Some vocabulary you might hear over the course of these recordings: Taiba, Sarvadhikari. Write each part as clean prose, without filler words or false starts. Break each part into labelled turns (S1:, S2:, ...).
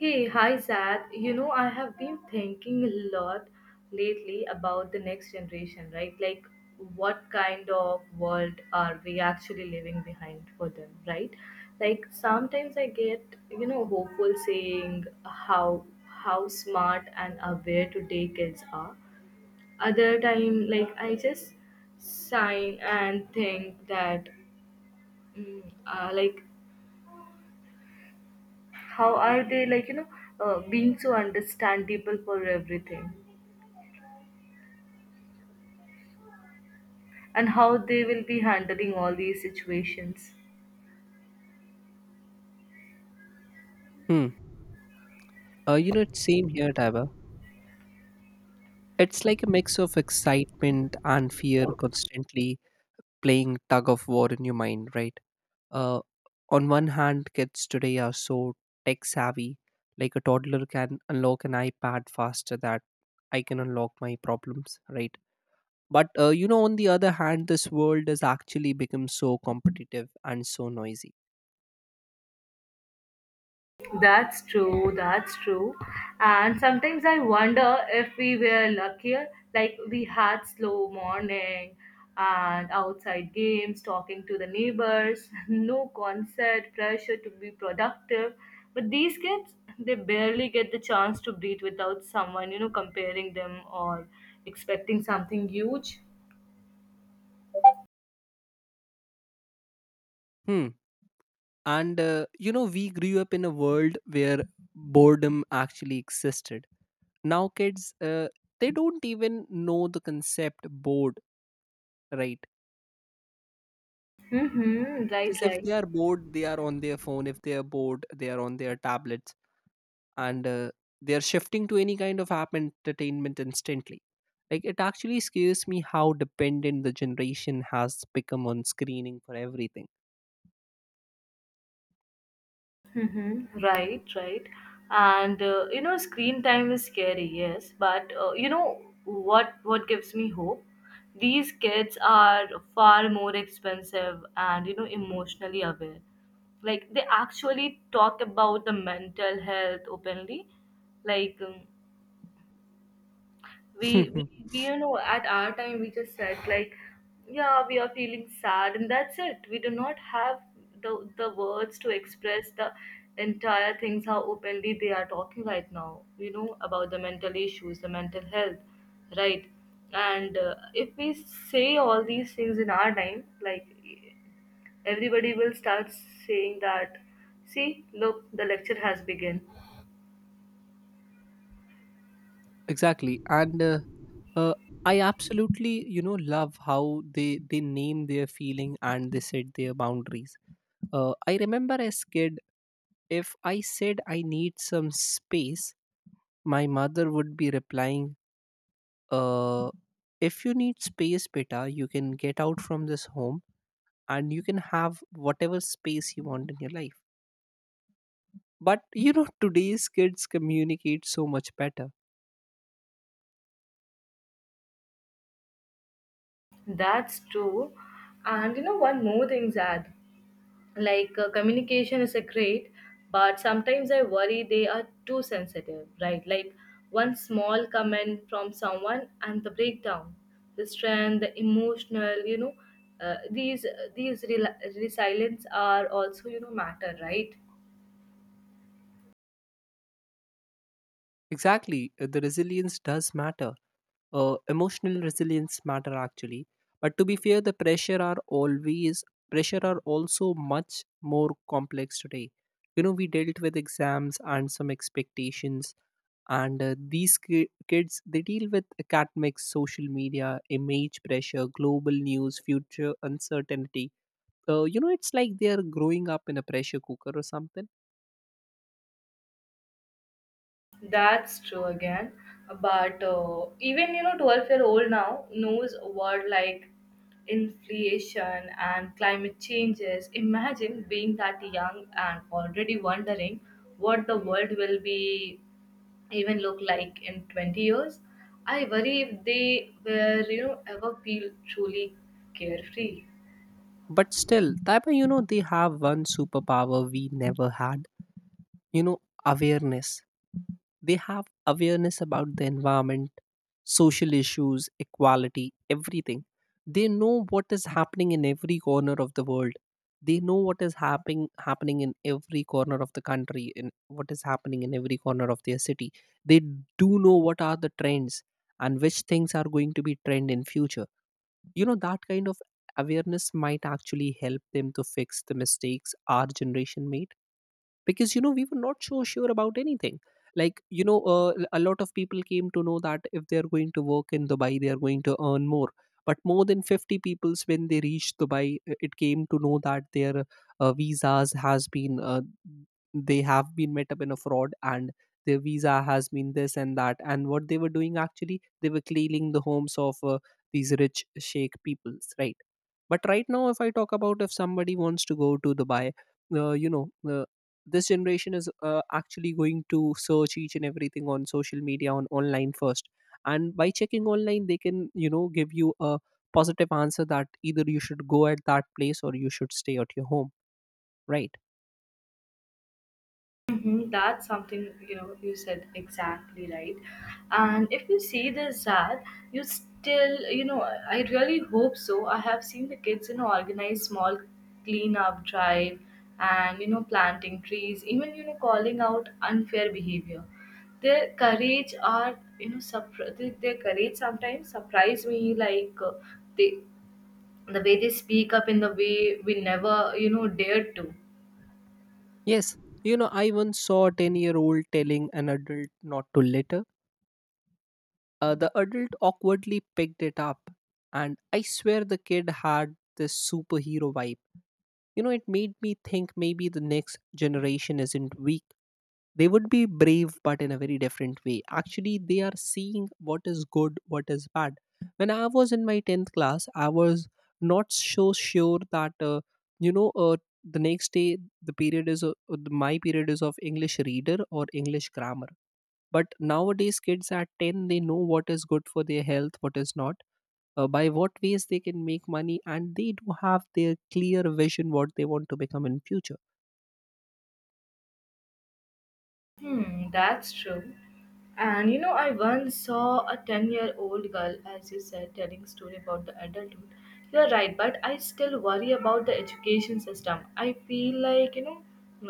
S1: Hey, hi Zad. You know, I have been thinking a lot lately about the next generation, right? Like, what kind of world are we actually leaving behind for them, right? Like, sometimes I get, hopeful saying how smart and aware today kids are. Other time, like, I just sign and think that, like, how are they like being so understandable for everything and how they will be handling all these situations.
S2: Hmm. It's same here, Taiba. It's like a mix of excitement and fear constantly playing tug of war in your mind, right? Uh, on one hand, kids today are so tech savvy. Like a toddler can unlock an iPad faster that I can unlock my problems, right? But on the other hand, this world has actually become so competitive and so noisy.
S1: That's true, that's true. And sometimes I wonder if we were luckier, like we had slow morning and outside games, talking to the neighbors, no concert, pressure to be productive. But these kids, they barely get the chance to breathe without someone, comparing them or expecting something huge.
S2: Hmm. And we grew up in a world where boredom actually existed. Now kids they don't even know the concept bored, right?
S1: Mm-hmm, right,
S2: Because if
S1: right.
S2: they are bored they are on their phone, if they are bored they are on their tablets, and they are shifting to any kind of app entertainment instantly. Like it actually scares me how dependent the generation has become on screening for everything.
S1: Mm-hmm. Right, right. And screen time is scary, yes, but you know what gives me hope? These kids are far more expensive and emotionally aware. Like they actually talk about the mental health openly. Like we, we, we at our time we just said, like, yeah, we are feeling sad, and that's it. We do not have the words to express the entire things how openly they are talking right now, about the mental issues, the mental health, right? And if we say all these things in our time, like, everybody will start saying that, "See, look, the lecture has begun."
S2: Exactly, and uh, I absolutely love how they name their feeling and they set their boundaries. I remember as kid, if I said I need some space, my mother would be replying, uh, if you need space, beta, you can get out from this home and you can have whatever space you want in your life. But you know, today's kids communicate so much better.
S1: That's true. And one more thing, Zad, like, communication is a great, but sometimes I worry they are too sensitive, right? Like, one small comment from someone and the breakdown, the strength, the emotional, uh, these these resilience are also, matter, right?
S2: Exactly, the resilience does matter. Emotional resilience matter actually, but to be fair the pressure are also much more complex today. You know, we dealt with exams and some expectations, and kids, they deal with academics, social media image pressure, global news, future uncertainty. It's like they are growing up in a pressure cooker or something.
S1: That's true again. But even, 12-year old now knows word like inflation and climate changes. Imagine being that young and already wondering what the world will be even look like in 20 years. I worry if they were ever feel truly carefree.
S2: But still, that you know, they have one superpower we never had, you know, awareness. They have awareness about the environment, social issues, equality, everything. They know what is happening in every corner of the world. They know what is happening in every corner of the country, in what is happening in every corner of their city. They do know what are the trends and which things are going to be trend in future. You know, that kind of awareness might actually help them to fix the mistakes our generation made, because you know we were not so sure about anything. Like a lot of people came to know that if they are going to work in Dubai they are going to earn more, but more than 50 peoples when they reached Dubai, it came to know that their visas has been they have been met up in a fraud, and their visa has been this and that, and what they were doing actually, they were cleaning the homes of these rich sheikh peoples, right? But right now if I talk about, if somebody wants to go to Dubai, uh, you know uh, this generation is actually going to search each and everything on social media, on online first, and by checking online they can you know give you a positive answer that either you should go at that place or you should stay at your home, right?
S1: Mhm, that's something you said exactly right. And if you see this, Zad, you still, I really hope so. I have seen the kids organize small clean up drive and planting trees, even calling out unfair behavior. Their courage are, their courage sometimes surprise me, like they the way they speak up in the way we never dared to.
S2: Yes, you know, I once saw a 10-year-old telling an adult not to litter. The adult awkwardly picked it up, and I swear the kid had this superhero vibe. You know, it made me think maybe the next generation isn't weak. They would be brave, but in a very different way. Actually, they are seeing what is good, what is bad. When I was in my 10th class, I was not so sure that you know uh, the next day the period is my period is of english reader or english grammar. But nowadays kids at 10, they know what is good for their health, what is not, by what ways they can make money, and they do have their clear vision what they want to become in future.
S1: Hmm, that's true. And I once saw a 10-year-old girl, as you said, telling a story about the adulthood. You're right, but I still worry about the education system. I feel like,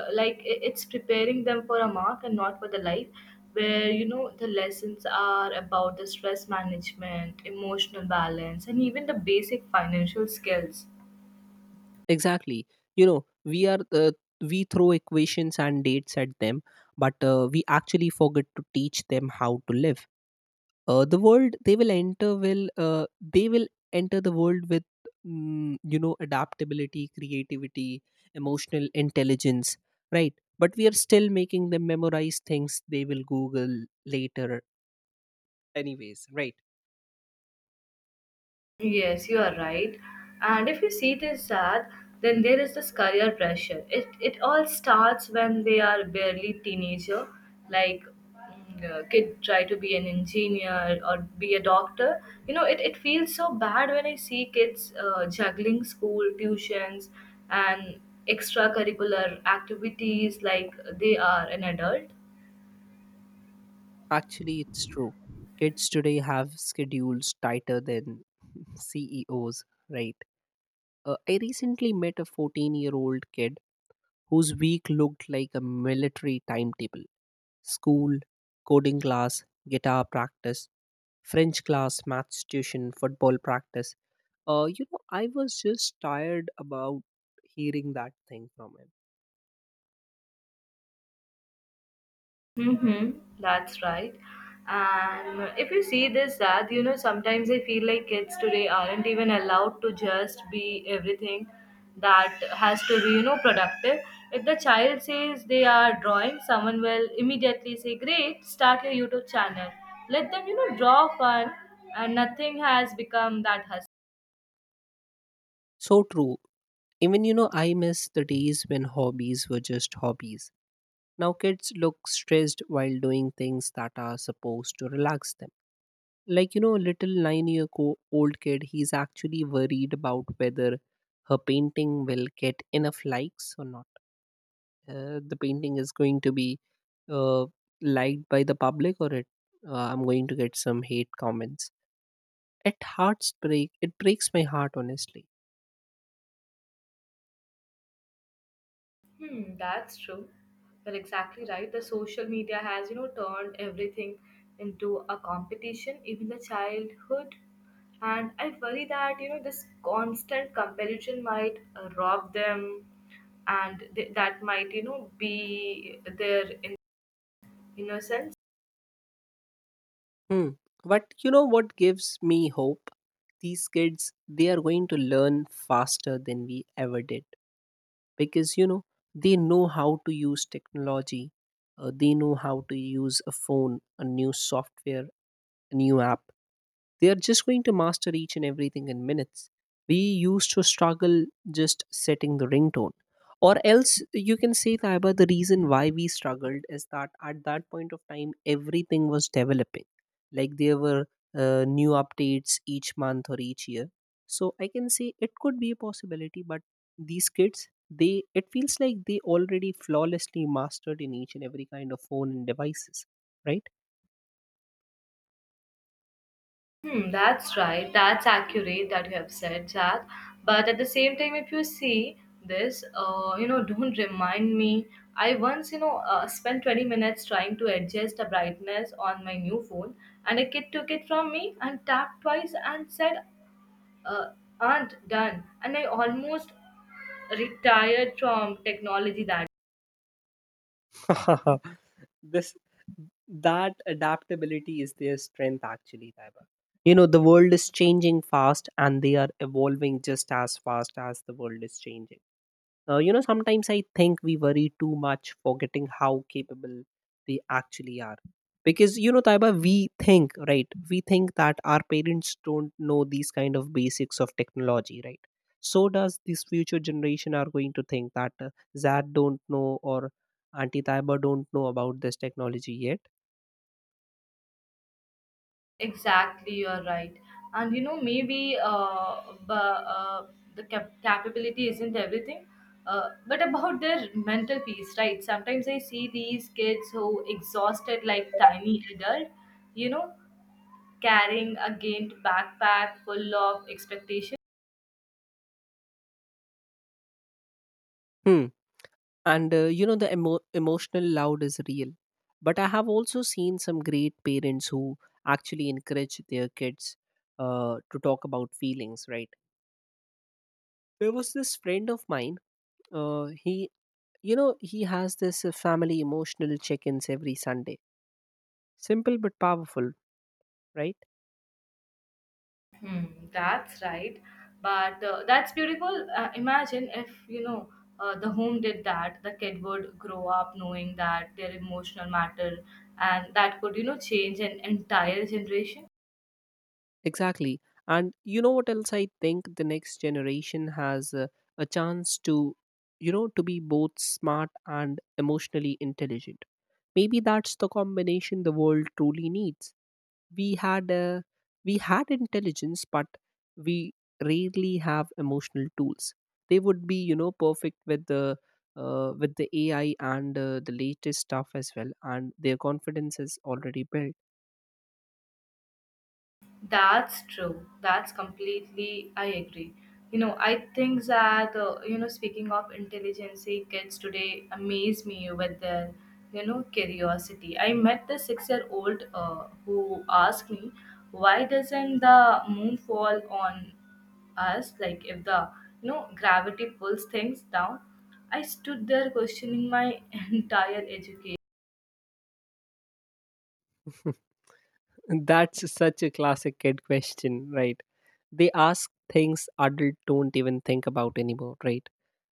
S1: like it's preparing them for a mark and not for the life, where, the lessons are about the stress management, emotional balance, and even the basic financial skills.
S2: Exactly. You know, we are we throw equations and dates at them, but we actually forget to teach them how to live. The world they will enter will they will enter the world with you know, adaptability, creativity, emotional intelligence, right? But we are still making them memorize things they will Google later, anyways, right?
S1: Yes, you are right. And if you see it as sad, then there is this career pressure. It all starts when they are barely teenager. Like kid try to be an engineer or be a doctor. It feels so bad when I see kids juggling school tuitions and extracurricular activities like they are an adult.
S2: Actually, it's true. Kids today have schedules tighter than CEOs, right? I recently met a 14-year-old kid whose week looked like a military timetable: school, coding class, guitar practice, French class, maths tuition, football practice. You know, I was just tired about hearing that thing from him.
S1: Mm-hmm, that's right. And if you see this, that sometimes I feel like kids today aren't even allowed to just be everything that has to be, productive. If the child says they are drawing, someone will immediately say, "Great, start your YouTube channel." Let them, draw fun, and nothing has become that hustle.
S2: So true. Even, you know, I miss the days when hobbies were just hobbies. Now kids look stressed while doing things that are supposed to relax them. Like, you know, a little nine year old kid, he's actually worried about whether her painting will get enough likes or not, the painting is going to be uh, liked by the public, or it, I'm going to get some hate comments. It hearts break it breaks my heart, honestly.
S1: Hmm, that's true. You're exactly right. The social media has, turned everything into a competition, even the childhood. And I worry that, this constant comparison might rob them, and that might, be their innocence.
S2: Hmm. But you know what gives me hope, these kids, they are going to learn faster than we ever did, because you know, they know how to use technology. They know how to use a phone, a new software, a new app. They are just going to master each and everything in minutes. We used to struggle just setting the ringtone. Or else you can say, Taiba, the reason why we struggled is that at that point of time, everything was developing. Like there were new updates each month or each year. So I can say it could be a possibility, but these kids, they it feels like they already flawlessly mastered in each and every kind of phone and devices, right?
S1: Hmm, that's right. That's accurate that you have said that. But at the same time, if you see this, don't remind me. I once, spent 20 minutes trying to adjust the brightness on my new phone, and a kid took it from me and tapped twice and said, uh, "Aren't done." And I almost retired from technology that.
S2: this That adaptability is their strength, actually, Taiba. You know, the world is changing fast and they are evolving just as fast as the world is changing. Sometimes I think we worry too much, forgetting how capable they actually are. Because, you know, Taiba, we think, right? We think that our parents don't know these kind of basics of technology, right? So does this future generation are going to think that Zad don't know, or Auntie Taiba don't know about this technology yet.
S1: Exactly, you're right. And maybe the capability isn't everything, but about their mental peace, right? Sometimes I see these kids who exhausted like tiny adult, you know, carrying a gained backpack full of expectations.
S2: Hmm. And the emotional loud is real, but I have also seen some great parents who actually encourage their kids to talk about feelings, right? There was this friend of mine, he, you know, he has this family emotional check-ins every Sunday. Simple but powerful, right?
S1: Hmm, that's right. But that's beautiful. Imagine if, the home did that, the kid would grow up knowing that their emotional matter, and that could, change an entire generation.
S2: Exactly. And you know what else I think, the next generation has a chance to, you know, to be both smart and emotionally intelligent. Maybe that's the combination the world truly needs. We had a, we had intelligence, but we rarely have emotional tools. They would be, you know, perfect with the AI and the latest stuff as well, and their confidence is already built.
S1: That's true. That's completely, I agree. I think that, speaking of intelligence, kids today amaze me with their, curiosity. I met the 6-year old who asked me, why doesn't the moon fall on us? Like, if the, gravity pulls things down. I stood there questioning my entire education.
S2: That's such a classic kid question, right? They ask things adults don't even think about anymore, right?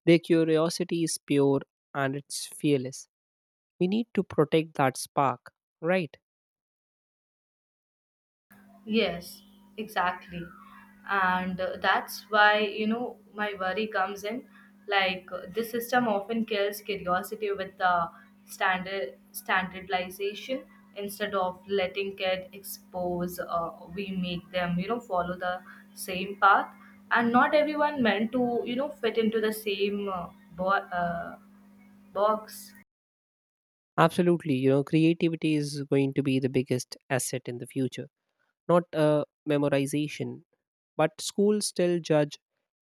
S2: Their curiosity is pure, and it's fearless. We need to protect that spark, right?
S1: Yes, exactly. And that's why, my worry comes in. Like, this system often kills curiosity with the standardization instead of letting kid expose, we make them, follow the same path. And not everyone meant to, fit into the same bo- uh, box.
S2: Absolutely. You know, creativity is going to be the biggest asset in the future, not memorization. But schools still judge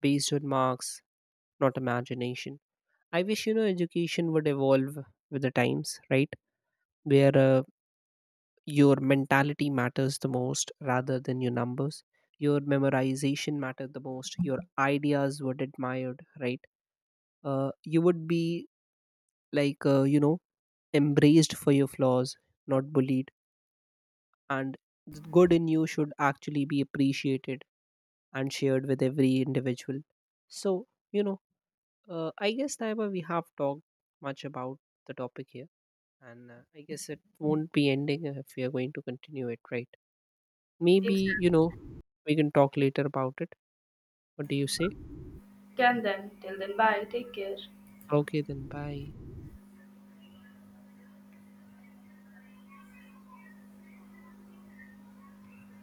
S2: based on marks, not imagination. I wish, you know, education would evolve with the times, right? Where your mentality matters the most rather than your numbers, your memorization mattered the most, your ideas were admired, right? uh, you would be like, embraced for your flaws, not bullied. And the good in you should actually be appreciated and shared with every individual. So, you know, I guess, Taiba, we have talked much about the topic here. And I guess it won't be ending if we are going to continue it, right? Maybe, you
S1: Exactly.
S2: know, we can talk later about it. What do you say?
S1: Can then, till then, bye. Take care.
S2: Okay, then bye.